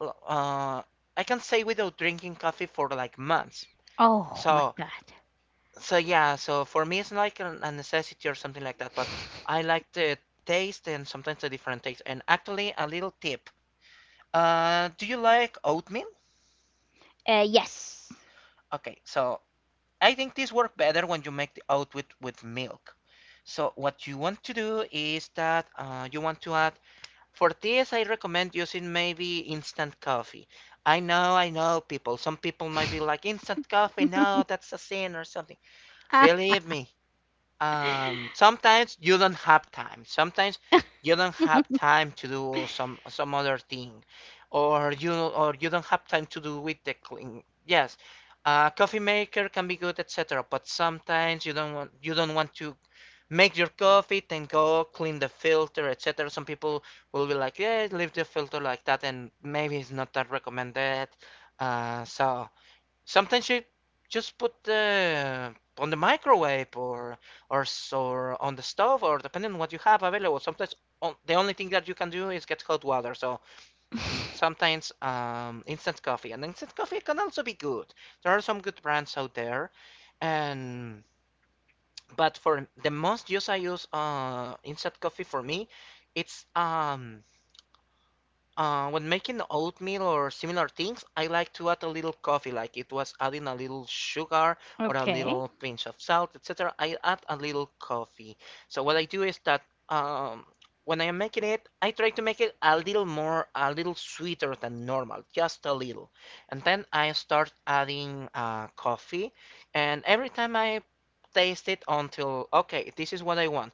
well, I can stay without drinking coffee for like months. Oh my So God. so yeah, so for me it's not like a necessity or something like that, but I like the taste and sometimes the different taste. And actually a little tip. Do you like oatmeal? Yes. Okay, so I think this works better when you make the oat with milk. So what you want to do is that you want to add, for this I recommend using maybe instant coffee. I know people, some people might be like, instant coffee, *laughs* no, that's a sin or something. Ah. Believe me, sometimes you don't have time. Sometimes you don't have time to do some other thing, or you don't have time to do with the clean. Yes, coffee maker can be good, etc. But sometimes you don't want to make your coffee, then go clean the filter, etc. Some people will be like, yeah, leave the filter like that, and maybe it's not that recommended. Uh, so. Sometimes you just put the on the microwave or or on the stove or depending on what you have available. Sometimes on, the only thing that you can do is get hot water. So *laughs* sometimes instant coffee and instant coffee can also be good. There are some good brands out there, and but for the most use I use instant coffee for me, it's when making oatmeal or similar things, I like to add a little coffee, like it was adding a little sugar or a Okay. little pinch of salt, etc. I add a little coffee. So what I do is that um, when I am making it, I try to make it a little more, a little sweeter than normal, just a little. And then I start adding coffee, and every time I taste it until, okay, this is what I want.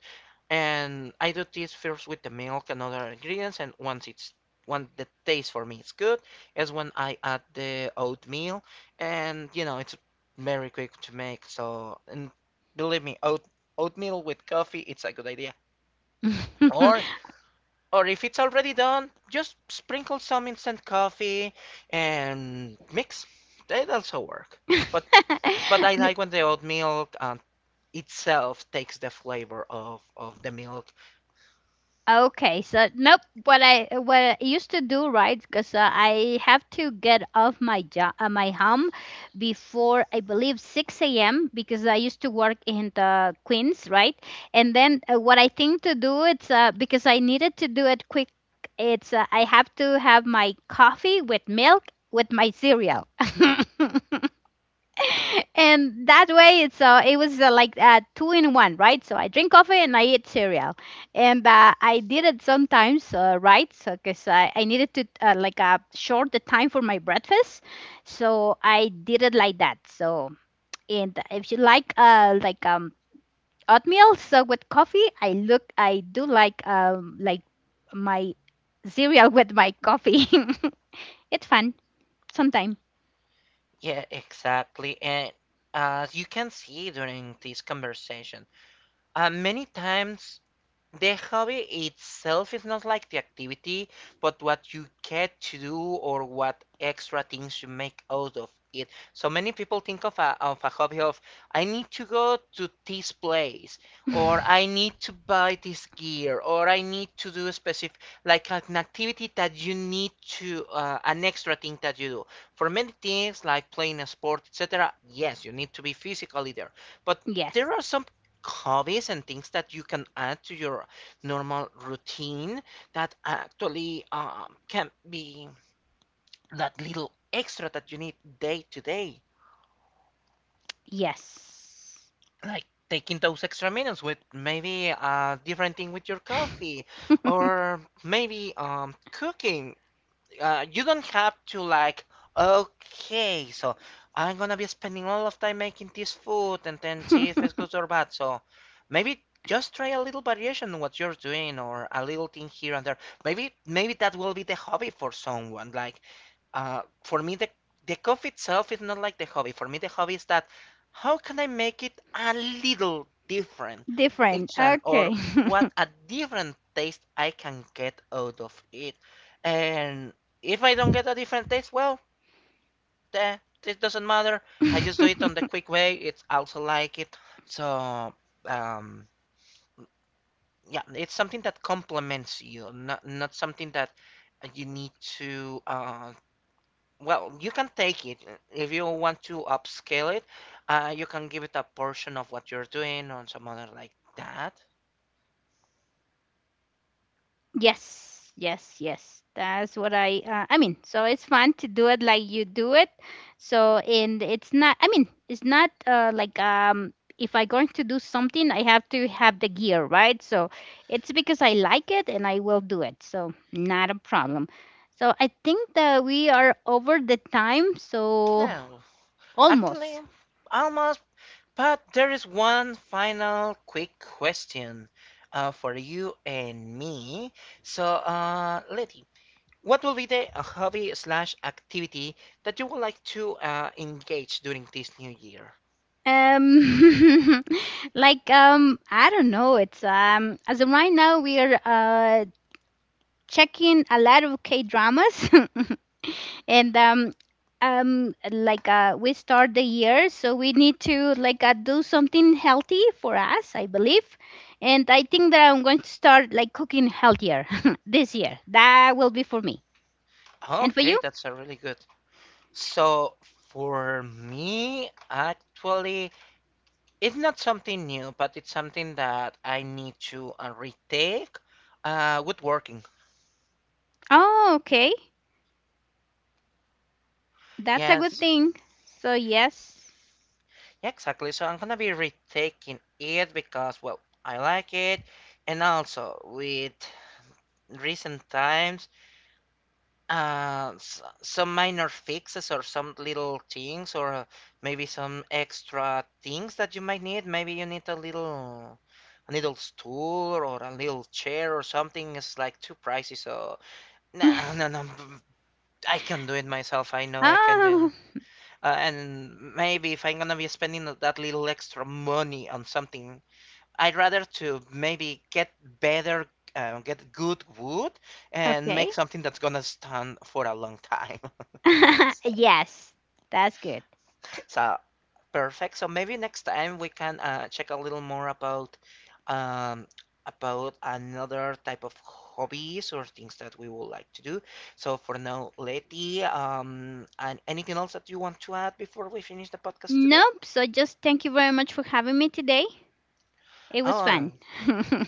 And I do this first with the milk and other ingredients, and once it's when the taste for me is good, is when I add the oatmeal, and you know it's very quick to make. So, and believe me, oatmeal with coffee, it's a good idea. Or, or if it's already done, just sprinkle some instant coffee and mix. That also work. But I *laughs* like when the oatmeal uh, itself takes the flavor of the milk. Okay, so nope. What I used to do, right? Because I have to get off my job, my home, before I believe six a.m. Because I used to work in the Queens, right? And then what I think to do, it's because I needed to do it quick. It's I have to have my coffee with milk with my cereal. *laughs* And that way it's it was like two in one, right? So I drink coffee and I eat cereal, and I did it sometimes right? So because I needed to short the time for my breakfast, so I did it like that. So and if you like oatmeal so with coffee, I do like my cereal *laughs* with my coffee. *laughs* It's fun sometime. Yeah, exactly. And as you can see during this conversation, many times the hobby itself is not like the activity, but what you get to do or what extra things you make out of it. So many people think of of a hobby of, I need to go to this place, or I need to buy this gear, or I need to do a specific, like an activity that you need to, an extra thing that you do. For many things like playing a sport, etc., yes, you need to be physically there. But *laughs* Yes, there are some hobbies and things that you can add to your normal routine that actually can be that little extra that you need day to day, yes. like taking those extra minutes with maybe a different thing with your coffee, *laughs* or maybe cooking you don't have to like okay so I'm gonna be spending all of time making this food and then see if it's good or bad so maybe just try a little variation in what you're doing or a little thing here and there maybe that will be the hobby for someone like for me, the coffee itself is not like the hobby. For me, the hobby is that how can I make it a little different Different. each time, or Okay. what a different taste I can get out of it. And if I don't get a different taste, well, the, it doesn't matter. I just do it on the *laughs* quick way. It's also like it. So, um, yeah, it's something that complements you, not something that you need to well, you can take it. If you want to upscale it, you can give it a portion of what you're doing on some other like that. Yes. Yes. Yes. That's what I. I mean, so it's fun to do it like you do it. So and it's not. I mean, it's not If I going to do something, I have to have the gear, right? So it's because I like it and I will do it. So not a problem. So I think that we are over the time. So No, actually, almost. almost, but there is one final quick question for you and me. So, Letty, what will be the hobby slash activity that you would like to engage during this new year? Um, *laughs* I don't know. It's as of right now we are checking a lot of K dramas, *laughs* and we start the year, so we need to like do something healthy for us, I believe, and I think that I'm going to start like cooking healthier *laughs* this year. That will be for me, and for Okay, you. that's a really good. So for me, actually, it's not something new, but it's something that I need to retake. Woodworking. Oh, okay, that's a good Yes, thing. So yes. yeah, exactly. So I'm gonna be retaking it because, well, I like it, and also with recent times, some minor fixes or some little things or maybe some extra things that you might need. Maybe you need a little stool or a little chair or something. It's like too pricey, so. No, *laughs* *laughs* No, no. I can do it myself. I know I can do Ah, it. And maybe if I'm gonna be spending that little extra money on something, I'd rather to maybe get better, get good wood, and okay. make something that's gonna stand for a long time. *laughs* It's *laughs* Yes, that's good. so perfect. So maybe next time we can check a little more um, about another type of hobbies or things that we would like to do. So for now, Letty, and anything else that you want to add before we finish the podcast today? Nope. So just thank you very much for having me today. It was Oh. fun.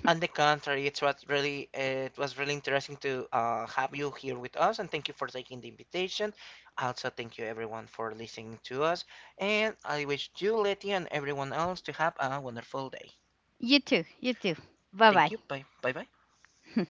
On the contrary, it's what really it was really interesting to have you here with us, and thank you for taking the invitation. Also, thank you everyone for listening to us, and I wish you, Letty, and everyone else to have a wonderful day. *laughs* You too. You too. Bye Thank bye. you. Bye. Bye. Bye. *laughs*